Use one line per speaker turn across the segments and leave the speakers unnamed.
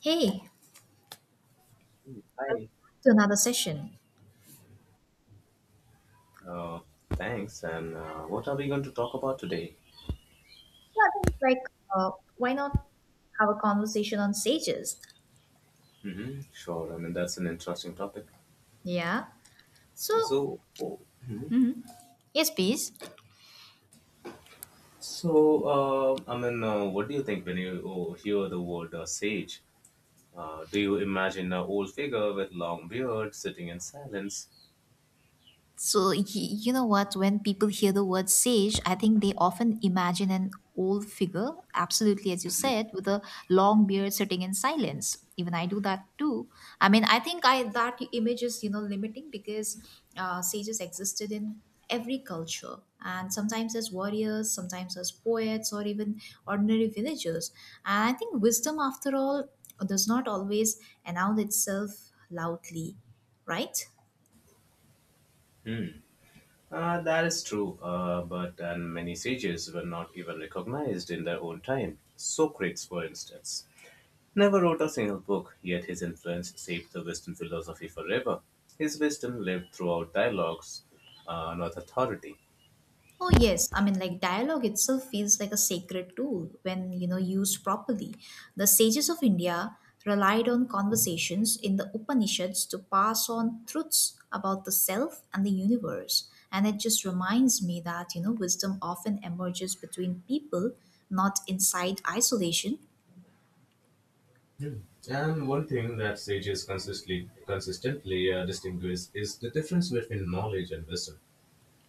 Hey,
Hi,
to another session.
uh, thanks. And what are we going to talk about today?
So I think uh, why not have a conversation on sages?
Sure. I mean, that's an interesting topic.
Yeah. So
So, oh, mhm.
yes, please.
So, I mean, what do you think when you oh, hear the word sage? Do you imagine an old figure with long beard sitting in silence?
So, you know what? When people hear the word sage, I think they often imagine an old figure, absolutely as you said, with a long beard sitting in silence. Even I do that too. I mean, I think I that image is you know limiting because sages existed in every culture, and sometimes as warriors, sometimes as poets, or even ordinary villagers. And I think wisdom, after all, does not always announce itself loudly, right?
That is true, but and many sages were not even recognized in their own time. Socrates, for instance, never wrote a single book, yet his influence shaped the Western philosophy forever. His wisdom lived throughout dialogues, not authority.
Oh yes, I mean like dialogue itself feels like a sacred tool when you know used properly. The sages of India relied on conversations in the Upanishads to pass on truths about the self and the universe. And it just reminds me that you know wisdom often emerges between people, not inside isolation.
Hmm. And one thing that sages consistently distinguish is the difference between knowledge and wisdom.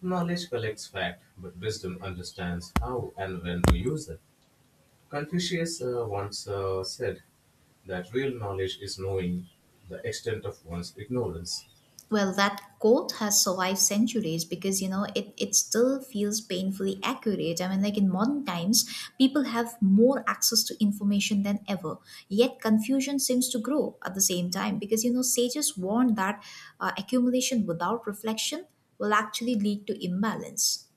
Knowledge collects fact, but wisdom understands how and when to use them. Confucius once said that real knowledge is knowing the extent of one's ignorance.
Well, that quote has survived centuries because you know it still feels painfully accurate. I mean, like in modern times, people have more access to information than ever. Yet confusion seems to grow at the same time because you know sages warn that accumulation without reflection will actually lead to imbalance.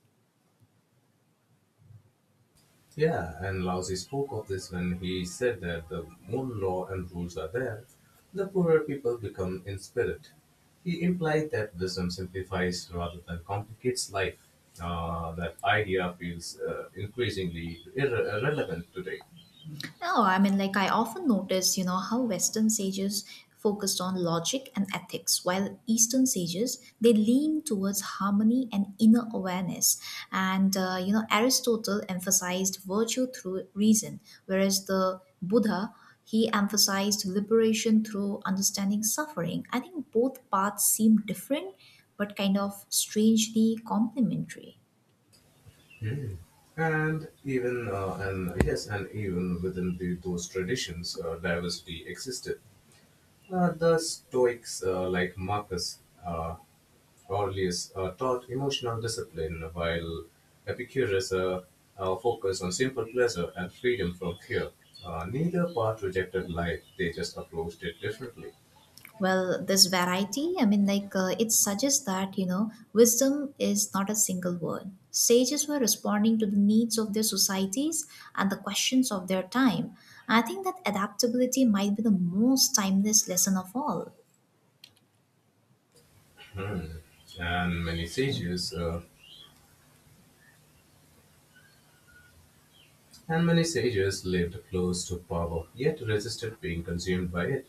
Yeah, and Laozi spoke of this when he said that the more law and rules are there, the poorer people become in spirit. He implied that wisdom simplifies rather than complicates life. That idea feels increasingly irrelevant today.
No, I mean, like, I often notice, you know, how Western sages focused on logic and ethics, while Eastern sages, they lean towards harmony and inner awareness. And, you know, Aristotle emphasized virtue through reason, whereas the Buddha, he emphasized liberation through understanding suffering. I think both paths seem different, but kind of strangely complementary.
Hmm. And even within those traditions, diversity existed. The Stoics, like Marcus, uh, Orales are taught emotional discipline, while Epicurus focused on simple pleasure and freedom from fear. Neither part rejected life, they just approached it differently.
Well, this variety, I mean, like it suggests that, you know, wisdom is not a single word. Sages were responding to the needs of their societies and the questions of their time. I think that adaptability might be the most timeless lesson of all.
Hmm. And many sages, uh, and many sages lived close to power, yet resisted being consumed by it.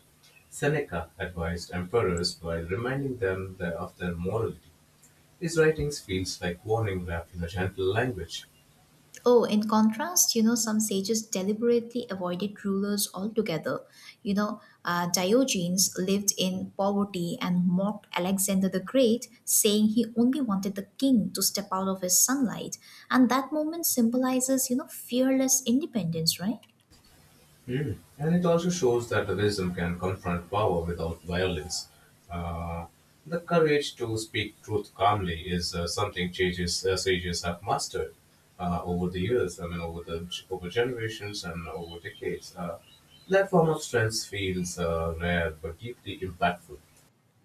Seneca advised emperors while reminding them that of their morality. His writings feels like warning wrapped in a gentle language.
Oh, in contrast, you know, some sages deliberately avoided rulers altogether. You know, Diogenes lived in poverty and mocked Alexander the Great, saying he only wanted the king to step out of his sunlight. And that moment symbolizes, you know, fearless independence, right?
Mm. And it also shows that wisdom can confront power without violence. Uh, the courage to speak truth calmly is something sages have mastered over the years. I mean, over the over generations and over decades. That form of strength feels rare but deeply impactful.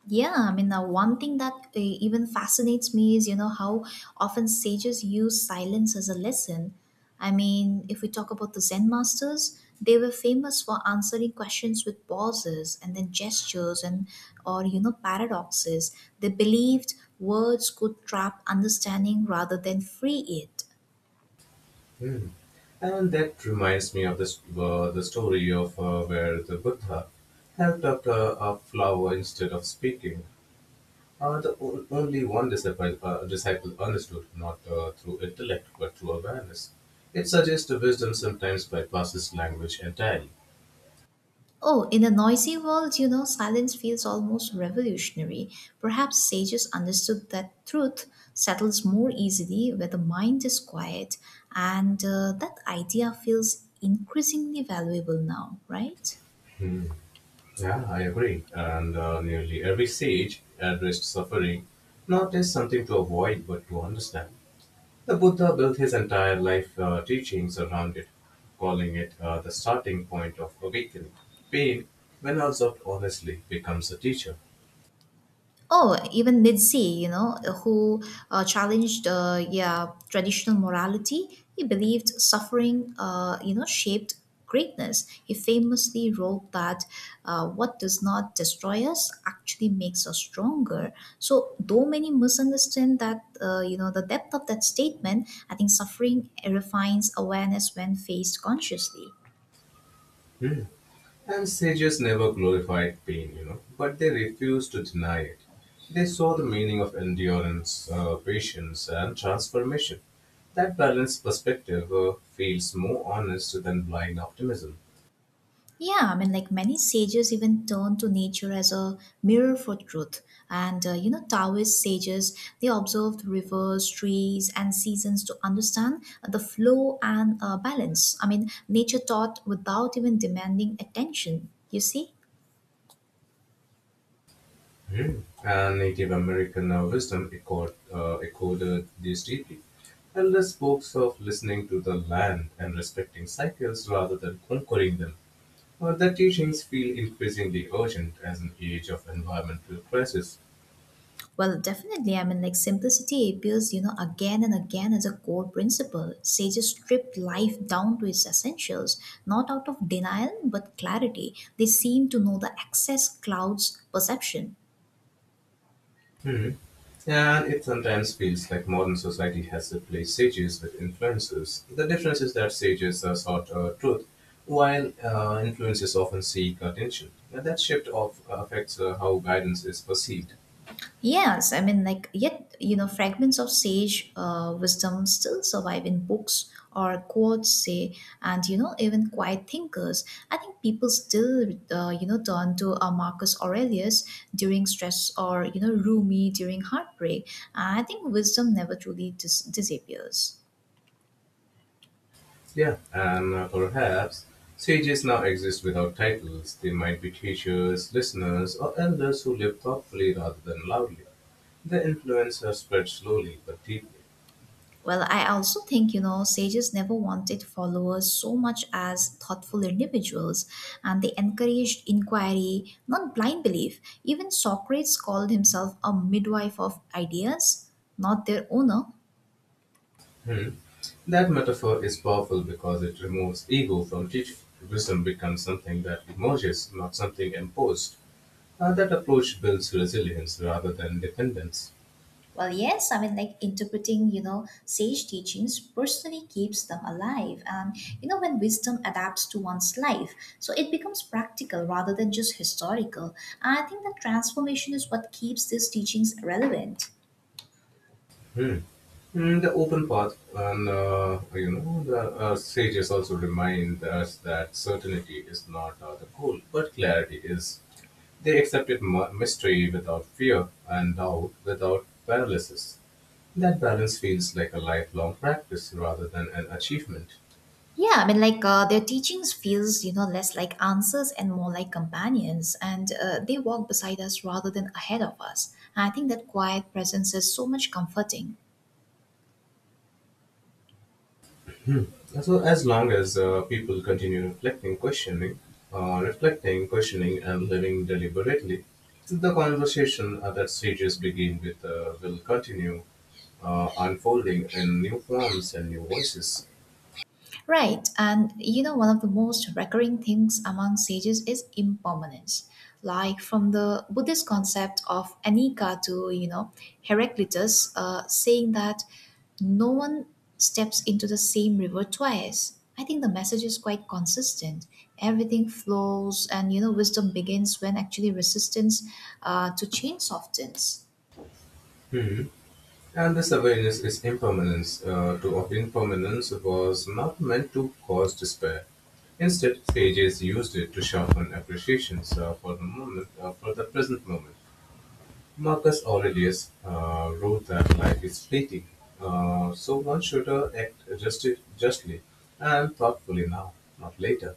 Yeah, I mean, one thing that even fascinates me is, you know, how often sages use silence as a lesson. I mean, if we talk about the Zen masters, they were famous for answering questions with pauses and then gestures and or you know paradoxes. They believed words could trap understanding rather than free it.
Hmm. And that reminds me of the story of where the Buddha helped up a flower instead of speaking. The only one disciple understood, not through intellect, but through awareness. It suggests wisdom sometimes bypasses language entirely.
Oh, in a noisy world, you know, silence feels almost revolutionary. Perhaps sages understood that truth settles more easily where the mind is quiet, and that idea feels increasingly valuable now, right?
Yeah, I agree. And nearly every sage addressed suffering not as something to avoid, but to understand. The Buddha built his entire life teachings around it, calling it the starting point of awakening. Pain, when observed honestly, becomes a teacher.
Oh, even Nietzsche, you know, who challenged yeah traditional morality. He believed suffering, you know, shaped greatness. He famously wrote that what does not destroy us actually makes us stronger. So, though many misunderstand that, you know, the depth of that statement, I think suffering refines awareness when faced consciously.
Hmm. And sages never glorified pain, but they refused to deny it. They saw the meaning of endurance, patience, and transformation. That balanced perspective feels more honest than blind optimism.
Yeah, I mean, like many sages even turn to nature as a mirror for truth. And, you know, Taoist sages, they observed rivers, trees, and seasons to understand the flow and balance. I mean, nature taught without even demanding attention, you see?
Hmm. And Native American wisdom echoed this deeply. Elders spoke of listening to the land and respecting cycles rather than conquering them. Well, their teachings feel increasingly urgent as an age of environmental crisis.
Well, definitely. I mean, like simplicity appears, you know, again and again as a core principle. Sages stripped life down to its essentials, not out of denial, but clarity. They seem to know the excess clouds perception.
Hmm. And it sometimes feels like modern society has replaced sages with influencers. The difference is that sages are sought truth, while influencers often seek attention. And that shift of affects how guidance is perceived.
Yes, I mean, like, yet, you know, fragments of sage wisdom still survive in books or quotes, say, and, you know, even quiet thinkers. I think people still, you know, turn to Marcus Aurelius during stress or, you know, Rumi during heartbreak. I think wisdom never truly disappears.
Yeah, and perhaps sages now exist without titles. They might be teachers, listeners, or elders who live thoughtfully rather than loudly. Their influence has spread slowly but deeply.
Well, I also think, you know, sages never wanted followers so much as thoughtful individuals, and they encouraged inquiry, not blind belief. Even Socrates called himself a midwife of ideas, not their owner.
Hmm. That metaphor is powerful because it removes ego from teaching. Wisdom becomes something that emerges, not something imposed. That approach builds resilience rather than dependence.
Well, yes, I mean, like interpreting, you know, sage teachings personally keeps them alive. And, you know, when wisdom adapts to one's life, so it becomes practical rather than just historical. I think that transformation is what keeps these teachings relevant.
Hmm. Mm, the open path. And the sages also remind us that certainty is not the goal, but clarity is. They accepted mystery without fear and doubt without paralysis. That balance feels like a lifelong practice rather than an achievement.
Yeah, I mean, like their teachings feels you know less like answers and more like companions, and they walk beside us rather than ahead of us. And I think that quiet presence is so much comforting.
So as long as people continue reflecting, questioning, and living deliberately, the conversation that stages begin with will continue unfolding in new forms and new voices.
Right, and you know, one of the most recurring things among sages is impermanence. Like from the Buddhist concept of anicca to, you know, Heraclitus saying that no one steps into the same river twice. I think the message is quite consistent. Everything flows, and you know, wisdom begins when actually resistance to change softens.
Hmm. And this awareness is impermanence. To of impermanence was not meant to cause despair. Instead, sages used it to sharpen appreciations for the present moment. Marcus Aurelius wrote that life is fleeting, so one should act justly and thoughtfully now, not later.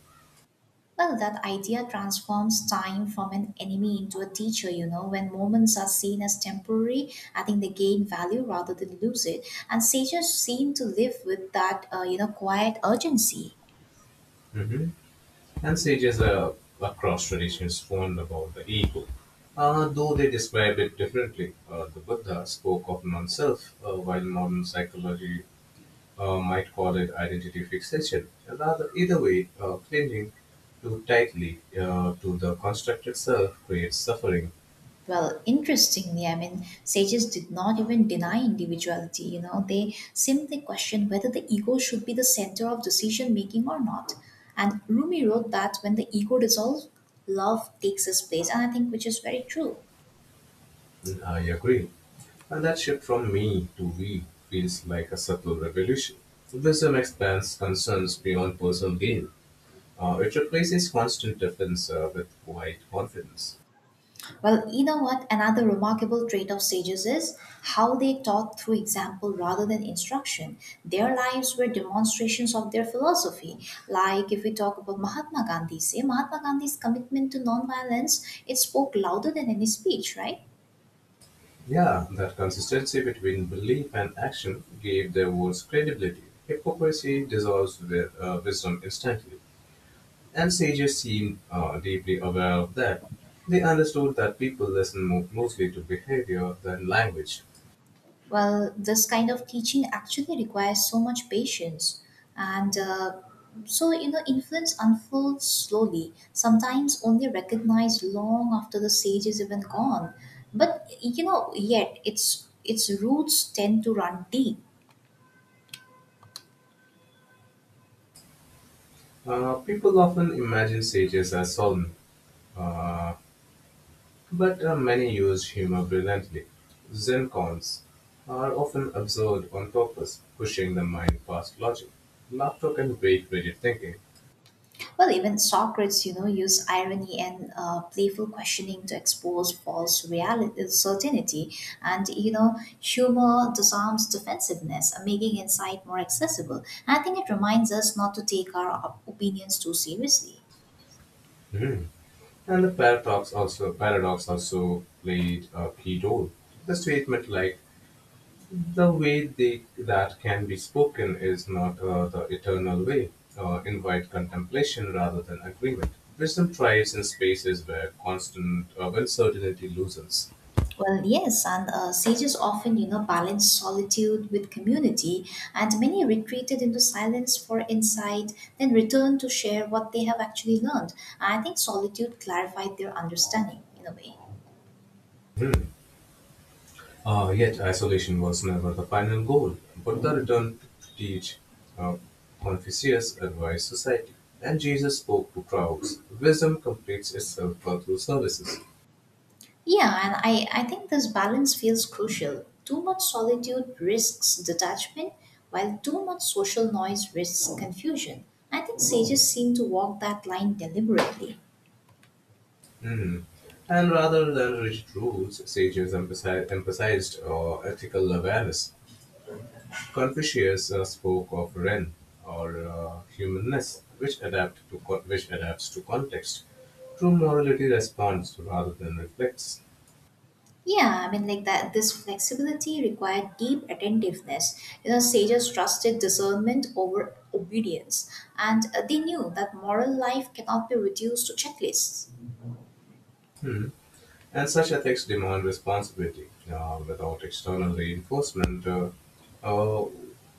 Well, that idea transforms time from an enemy into a teacher, you know. When moments are seen as temporary, I think they gain value rather than lose it. And sages seem to live with that, you know, quiet urgency.
Mhm. And sages across traditions warned about the ego. Though they described it differently, the Buddha spoke of non-self, while modern psychology might call it identity fixation. Rather, either way, clinging too tightly to the constructed self creates suffering.
Well, interestingly, I mean, sages did not even deny individuality, you know. They simply questioned whether the ego should be the center of decision making or not. And Rumi wrote that when the ego dissolves, love takes its place. And I think which is very true.
I agree. And that shift from me to we feels like a subtle revolution. Wisdom expands concerns beyond personal gain. It replaces constant defense with quiet confidence.
Well, you know what? Another remarkable trait of sages is how they taught through example rather than instruction. Their lives were demonstrations of their philosophy. Like if we talk about Mahatma Gandhi, say Mahatma Gandhi's commitment to nonviolence, it spoke louder than any speech, right?
Yeah, that consistency between belief and action gave their words credibility. Hypocrisy dissolves with wisdom instantly, and sages seemed deeply aware of that. They understood that people listen mostly to behavior than language.
Well, this kind of teaching actually requires so much patience, and so you know, influence unfolds slowly. Sometimes only recognized long after the sage is even gone. But you know, yet its roots tend to run deep.
People often imagine sages as solemn. But many use humor brilliantly. Zen cons are often absurd on purpose, pushing the mind past logic. Laughter can break rigid thinking.
Well, even Socrates, you know, used irony and playful questioning to expose false reality, certainty, and you know, humor disarms defensiveness, making insight more accessible. And I think it reminds us not to take our opinions too seriously.
Mhm. And the paradox also played a key role. The statement like the way that can be spoken is not the eternal way invite contemplation rather than agreement. Wisdom thrives in spaces where constant uncertainty loosens.
Well, yes, and sages often, you know, balance solitude with community, and many retreated into silence for insight, then returned to share what they have actually learned. I think solitude clarified their understanding in a way.
Yet isolation was never the final goal, but the return to teach. Uh, Confucius advised society, and Jesus spoke to crowds. Wisdom completes itself through services.
Yeah, and I think this balance feels crucial. Too much solitude risks detachment, while too much social noise risks confusion. I think sages seem to walk that line deliberately.
Hmm. And rather than rigid rules, sages emphasized ethical awareness. Confucius spoke of Ren, or humanness, which adapts to context. True morality responds rather than reflects.
Yeah, I mean, like that, this flexibility required deep attentiveness. You know, sages trusted discernment over obedience, and they knew that moral life cannot be reduced to checklists.
Hmm. And such ethics demand responsibility. Without external reinforcement, uh,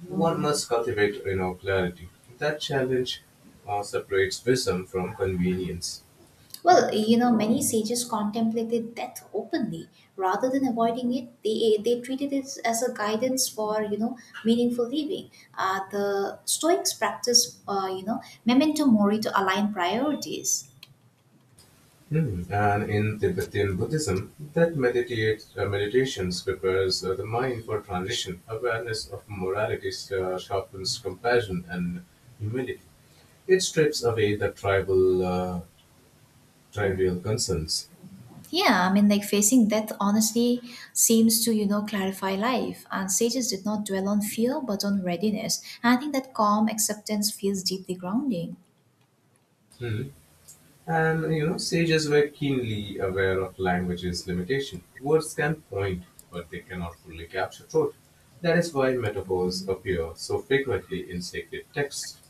one must cultivate clarity. That challenge separates wisdom from convenience.
Well, you know, many sages contemplated death openly. Rather than avoiding it, they treated it as a guidance for you know meaningful living. The Stoics practice, you know, memento mori to align priorities.
Hmm. And in Tibetan Buddhism, meditations prepares the mind for transition. Awareness of morality sharpens compassion and humility. It strips away the trivial concerns.
Yeah, I mean, like facing death honestly seems to you know clarify life. And sages did not dwell on fear, but on readiness. And I think that calm acceptance feels deeply grounding.
Hmm. And sages were keenly aware of language's limitation. Words can point, but they cannot fully capture truth. That is why metaphors appear so frequently in sacred texts.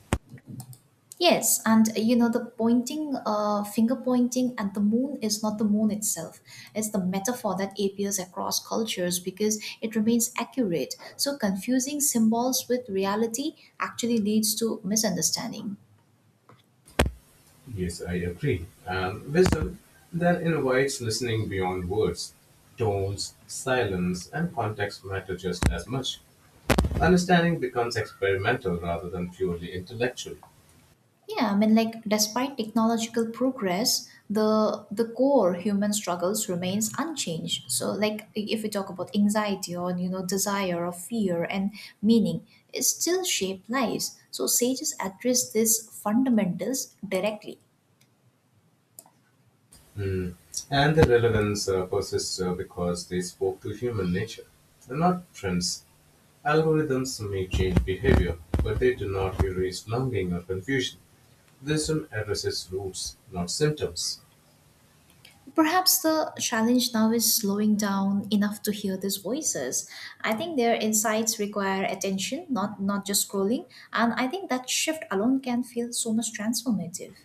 Yes, and you know, the pointing, finger pointing at the moon is not the moon itself. It's the metaphor that appears across cultures because it remains accurate. So, confusing symbols with reality actually leads to misunderstanding.
Yes, I agree. And wisdom then invites listening beyond words. Tones, silence, and context matter just as much. Understanding becomes experimental rather than purely intellectual.
Yeah, I mean, like, despite technological progress, the core human struggles remains unchanged. So, like, if we talk about anxiety or you know desire or fear and meaning, it still shape lives. So, sages address these fundamentals directly.
Mm. And the relevance persists because they spoke to human nature. They're not trends. Algorithms may change behavior, but they do not erase longing or confusion. Wisdom addresses roots, not symptoms.
Perhaps the challenge now is slowing down enough to hear these voices. I think their insights require attention, not just scrolling. And I think that shift alone can feel so much transformative.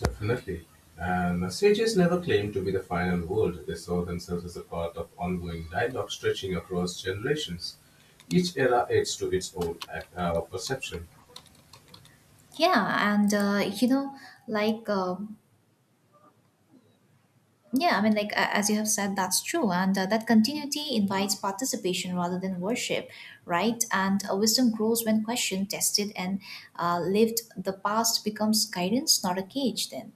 Definitely. And sages never claimed to be the final word. They saw themselves as a part of ongoing dialogue stretching across generations. Each era adds to its own perception.
Yeah, and you know, like, um yeah, I mean, like, as you have said, that's true. And that continuity invites participation rather than worship, right? And wisdom grows when questioned, tested, and lived. The past becomes guidance, not a cage, then.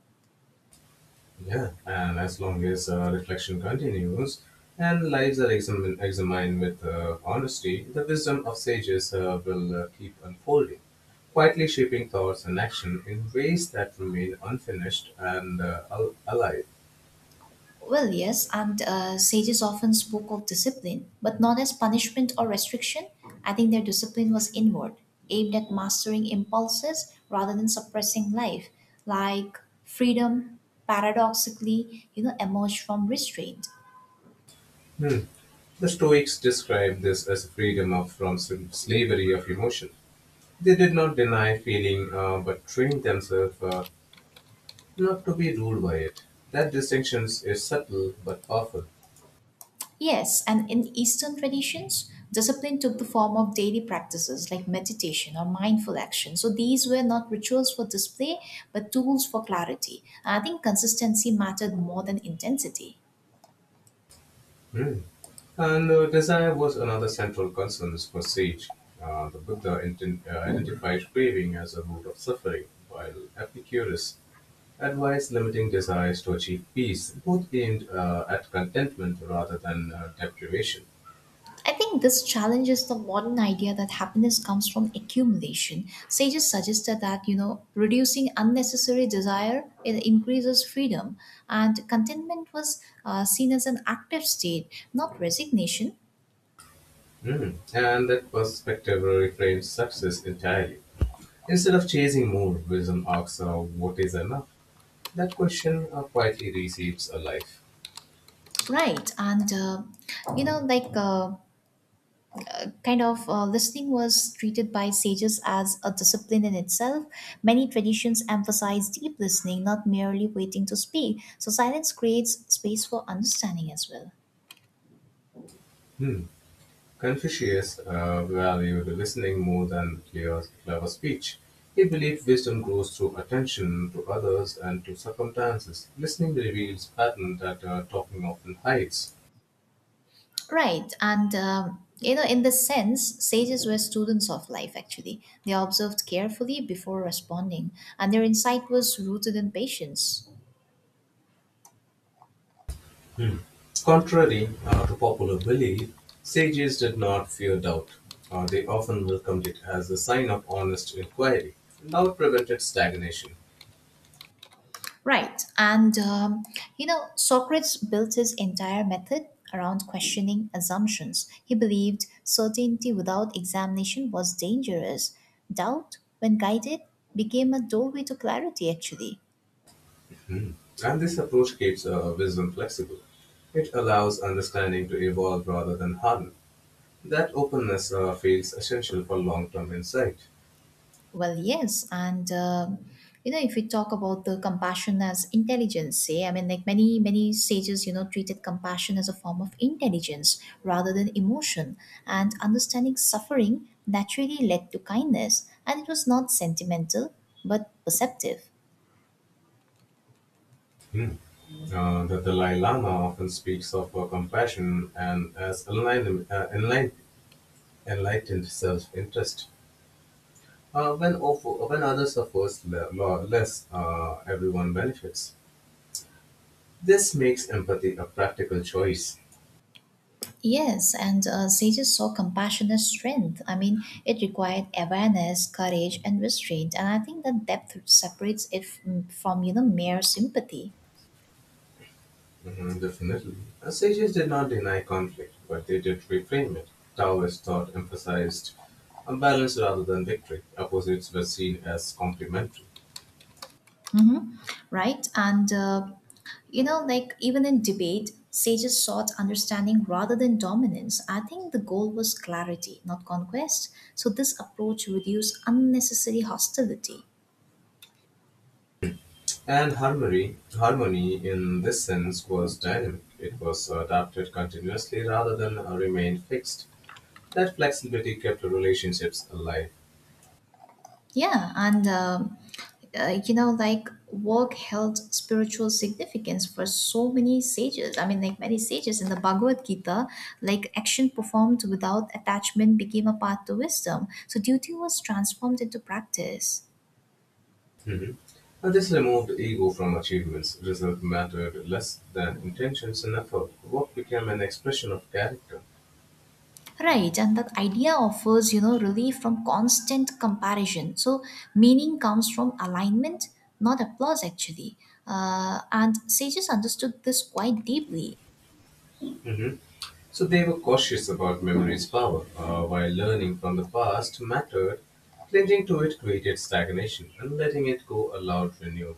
Yeah, and as long as reflection continues and lives are examined with honesty, the wisdom of sages will keep unfolding, quietly shaping thoughts and action in ways that remain unfinished and alive.
Well, yes, and sages often spoke of discipline, but not as punishment or restriction. I think their discipline was inward, aimed at mastering impulses rather than suppressing life. Like freedom, paradoxically, you know, emerged from restraint.
Hmm. The Stoics described this as freedom from slavery of emotion. They did not deny feeling, but trained themselves not to be ruled by it. That distinction is subtle but powerful.
Yes, and in Eastern traditions, discipline took the form of daily practices like meditation or mindful action. So these were not rituals for display, but tools for clarity. I think consistency mattered more than intensity.
Hmm. And desire was another central concern for Sage. The Buddha identified craving as a root of suffering, while Epicurus advised limiting desires to achieve peace, both aimed at contentment rather than deprivation.
I think this challenges the modern idea that happiness comes from accumulation. Sages suggested that, you know, reducing unnecessary desire it increases freedom, and contentment was seen as an active state, not resignation.
Mm. And that perspective reframes success entirely. Instead of chasing more, wisdom asks what is enough. That question quietly receives a life.
Right, and you know, kind of listening was treated by sages as a discipline in itself. Many traditions emphasize deep listening, not merely waiting to speak. So, silence creates space for understanding as well.
Hmm. Confucius valued listening more than clear, clever speech. He believed wisdom grows through attention to others and to circumstances. Listening reveals patterns that talking often hides.
Right. And, you know, in the sense, sages were students of life, actually. They observed carefully before responding, and their insight was rooted in patience.
Hmm. Contrary to popular belief, sages did not fear doubt. They often welcomed it as a sign of honest inquiry. Doubt prevented stagnation.
Right. You know, Socrates built his entire method around questioning assumptions. He believed certainty without examination was dangerous. Doubt, when guided, became a doorway to clarity, actually.
Hmm. And this approach keeps wisdom flexible. It allows understanding to evolve rather than harden. That openness feels essential for long term insight.
Well, yes, and you know, if we talk about the compassion as intelligence, eh? I mean, like many sages, you know, treated compassion as a form of intelligence rather than emotion, and understanding suffering naturally led to kindness, and it was not sentimental but perceptive.
Hmm. The Dalai Lama often speaks of compassion and as enlightened self interest. When when others suffer less, everyone benefits. This makes empathy a practical choice.
Yes, and sages saw compassion as strength. I mean, it required awareness, courage, and restraint, and I think that depth separates it from you know mere sympathy.
Mhm, definitely. Sages did not deny conflict, but they did reframe it. Taoist thought emphasized a balance rather than victory. Opposites were seen as complementary.
Mm-hmm. Right. And you know, like even in debate, sages sought understanding rather than dominance. I think the goal was clarity, not conquest. So this approach reduced unnecessary hostility.
And harmony in this sense was dynamic. It was adapted continuously rather than remained fixed. That flexibility kept relationships alive.
Yeah. And you know, like work held spiritual significance for so many sages. I mean, like many sages in the Bhagavad Gita, like action performed without attachment became a path to wisdom. So duty was transformed into practice.
Mhm. And this removed ego from achievements. Result mattered less than intentions and effort. Work became an expression of character.
Right, and that idea offers, you know, relief from constant comparison. So meaning comes from alignment, not applause, actually. And sages understood this quite deeply.
Mhm. So they were cautious about memory's power. While learning from the past mattered, clinging to it created stagnation, and letting it go allowed renewal.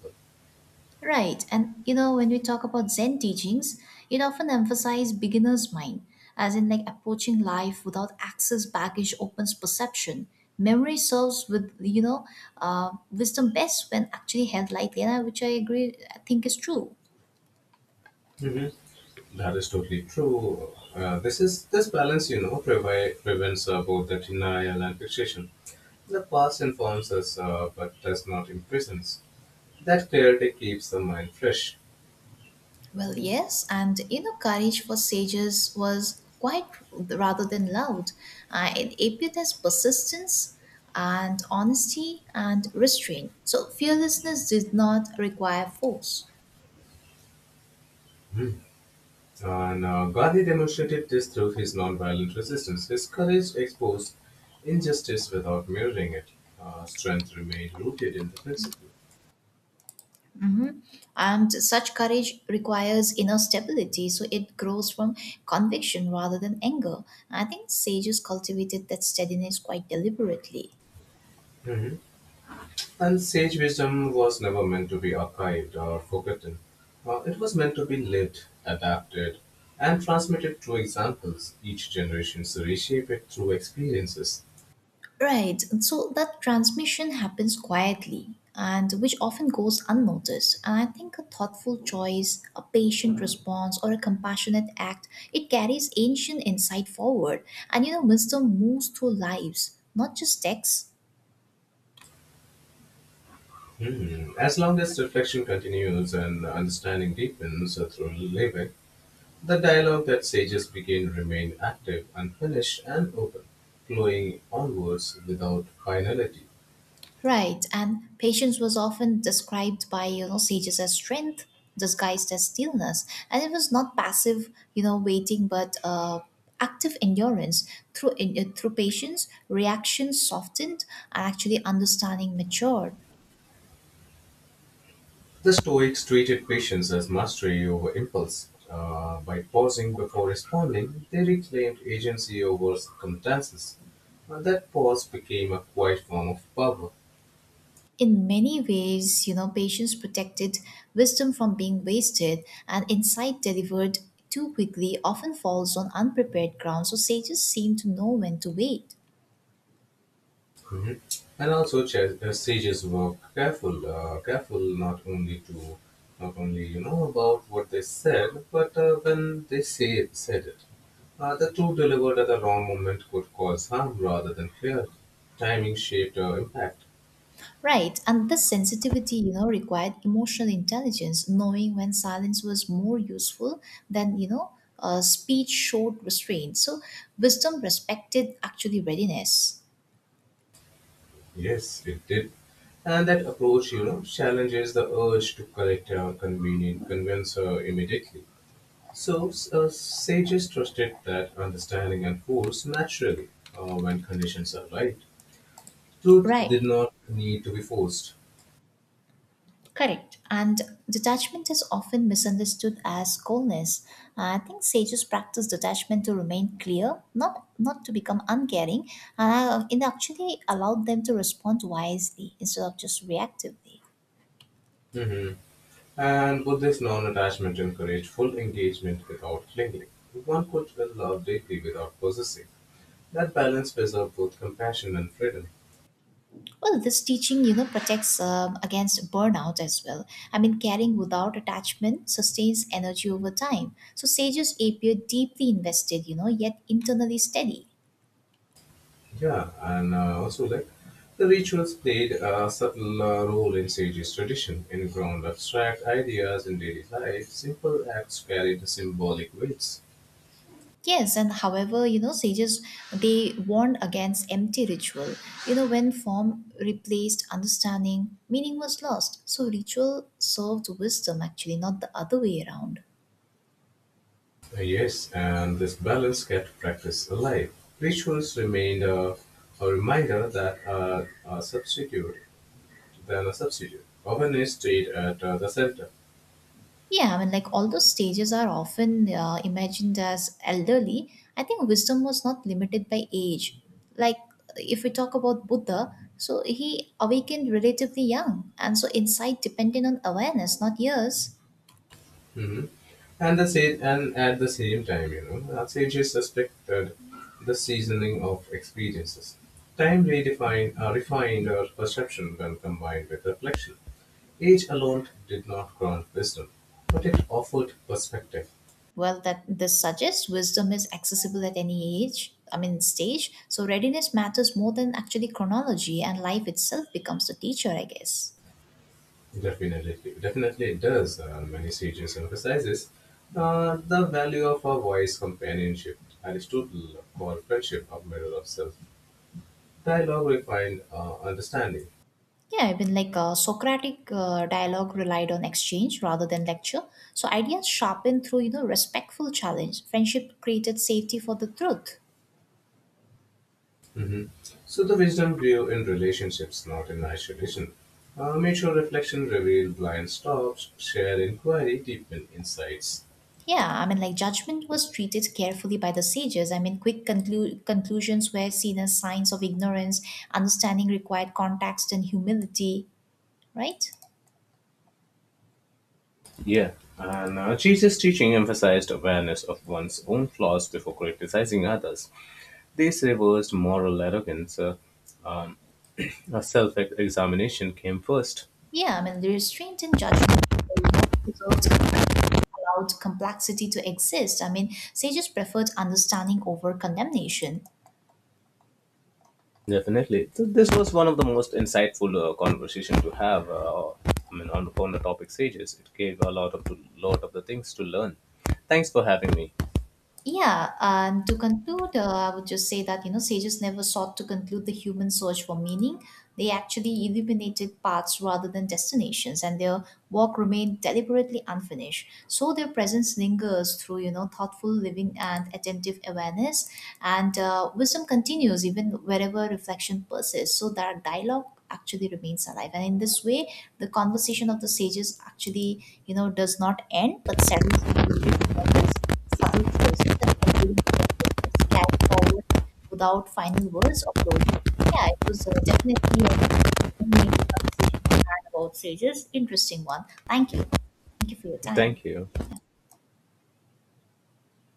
Right, and you know, when we talk about Zen teachings, it often emphasizes beginner's mind, as in like approaching life without excess baggage opens perception. Memory serves with, you know, wisdom best when actually held lightly, and which I agree, I think is true.
Mm-hmm. That is totally true. This balance, prevents both the denial and fixation. The past informs us, but does not imprison us. That clarity keeps the mind fresh.
Well, yes, and inner courage for sages was quite rather than loud. It appeared as persistence and honesty and restraint. So, fearlessness did not require force.
And Gandhi demonstrated this through his nonviolent resistance. His courage exposed injustice without mirroring it. Strength remained rooted in the principle.
Mhm. And such courage requires inner stability, so it grows from conviction rather than anger. I think sages cultivated that steadiness quite deliberately.
And sage wisdom was never meant to be archived or forgotten. It was meant to be lived, adapted, and transmitted through examples. Each generation reshape it through experiences.
Right, and so that transmission happens quietly and which often goes unnoticed. And I think a thoughtful choice, a patient response, or a compassionate act, it carries ancient insight forward. And you know, wisdom moves through lives, not just texts.
Hmm. As long as reflection continues and understanding deepens through living, the dialogue that sages begin remain active, unfinished, and open, flowing onwards without finality.
Right, and patience was often described by you know sages as strength disguised as stillness, and it was not passive, you know, waiting, but active endurance through patience, reactions softened, and actually understanding matured.
The Stoics treated patience as mastery over impulse. By pausing before responding, they reclaimed agency over circumstances. That pause became a quiet form of power.
In many ways, you know, patience protected wisdom from being wasted, and insight delivered too quickly often falls on unprepared ground. So sages seem to know when to wait.
Mhm. And also, sages were careful not only to, not only about what they said, but when they say said it. The two delivered at the wrong moment could cause harm rather than fear. Timing shaped impact.
Right, and this sensitivity, you know, required emotional intelligence, knowing when silence was more useful than, you know, speech showed restraint. So wisdom respected actually readiness.
Yes, it did. And that approach, challenges the urge to collect or convenient convince her immediately. So sages trusted that understanding unfolds naturally when conditions are right. Truth did
Right,
not need to be forced.
correct. And detachment is often misunderstood as coldness. I think sages practice detachment to remain clear, not to become uncaring, and it actually allowed them to respond wisely instead of just reactively.
Mhm. And Buddhist non-attachment encouraged full engagement without clinging. One could love deeply without possessing. That balance preserved both compassion and freedom.
Well, this teaching, you know, protects against burnout as well. I mean, caring without attachment sustains energy over time. So sages appear deeply invested, you know, yet internally steady.
Yeah, and also like the rituals played a subtle role in sages' tradition, in ground abstract ideas in daily life. Simple acts carried symbolic weights.
Yes, and however, you know, sages they warn against empty ritual. You know, when form replaced understanding, meaning was lost. So ritual served wisdom actually, not the other way around.
Yes, and this balance kept practice alive. Rituals remained a reminder that a substitute than a substitute. Awareness stayed at the center.
Yeah, I mean, like although stages are often imagined as elderly, I think wisdom was not limited by age. Like if we talk about Buddha, so he awakened relatively young, and so insight depended on awareness, not years.
hmm And at the same time, our sages suspected the seasoning of experiences. Time refined our perception when combined with reflection. Age alone did not grant wisdom, but it offered perspective.
Well, that this suggests wisdom is accessible at any age. I mean, stage. So readiness matters more than actually chronology, and life itself becomes the teacher, I guess.
Definitely, definitely it does. Many sages emphasizes the value of a wise companionship. Aristotle called friendship a mirror of self. Dialogue refined understanding.
Yeah, even like Socratic dialogue relied on exchange rather than lecture. So ideas sharpened through you know respectful challenge. Friendship created safety for the truth.
hmm So the wisdom grew in relationships, not in isolation. Mutual reflection revealed blind spots, shared inquiry deepened insights.
Yeah, I mean like judgment was treated carefully by the sages. I mean conclusions were seen as signs of ignorance. Understanding required context and humility, right?
Yeah, and Jesus' teaching emphasized awareness of one's own flaws before criticizing others. This reversed moral arrogance. Um, a self examination came first.
Yeah, I mean the restraint in judgment, you know, preserved compassion, allowed complexity to exist. I mean sages preferred understanding over condemnation.
Definitely. So this was one of the most insightful conversation to have. I mean, on the topic stages, it gave a lot of the things to learn. Thanks for having me.
Yeah, and to conclude, I would just say that, you know, sages never sought to conclude the human search for meaning. They actually illuminated paths rather than destinations, and their work remained deliberately unfinished. So their presence lingers through, you know, thoughtful living and attentive awareness. And wisdom continues even wherever reflection persists. So that dialogue actually remains alive. And in this way, the conversation of the sages actually, you know, does not end but settles into lived moments subtle choices and enduring attentiveness carry forward without final words or closure. Yeah, it was definitely a meaningful conversation we had about Sages. Interesting one. Thank you. Thank you for your time.
Thank you.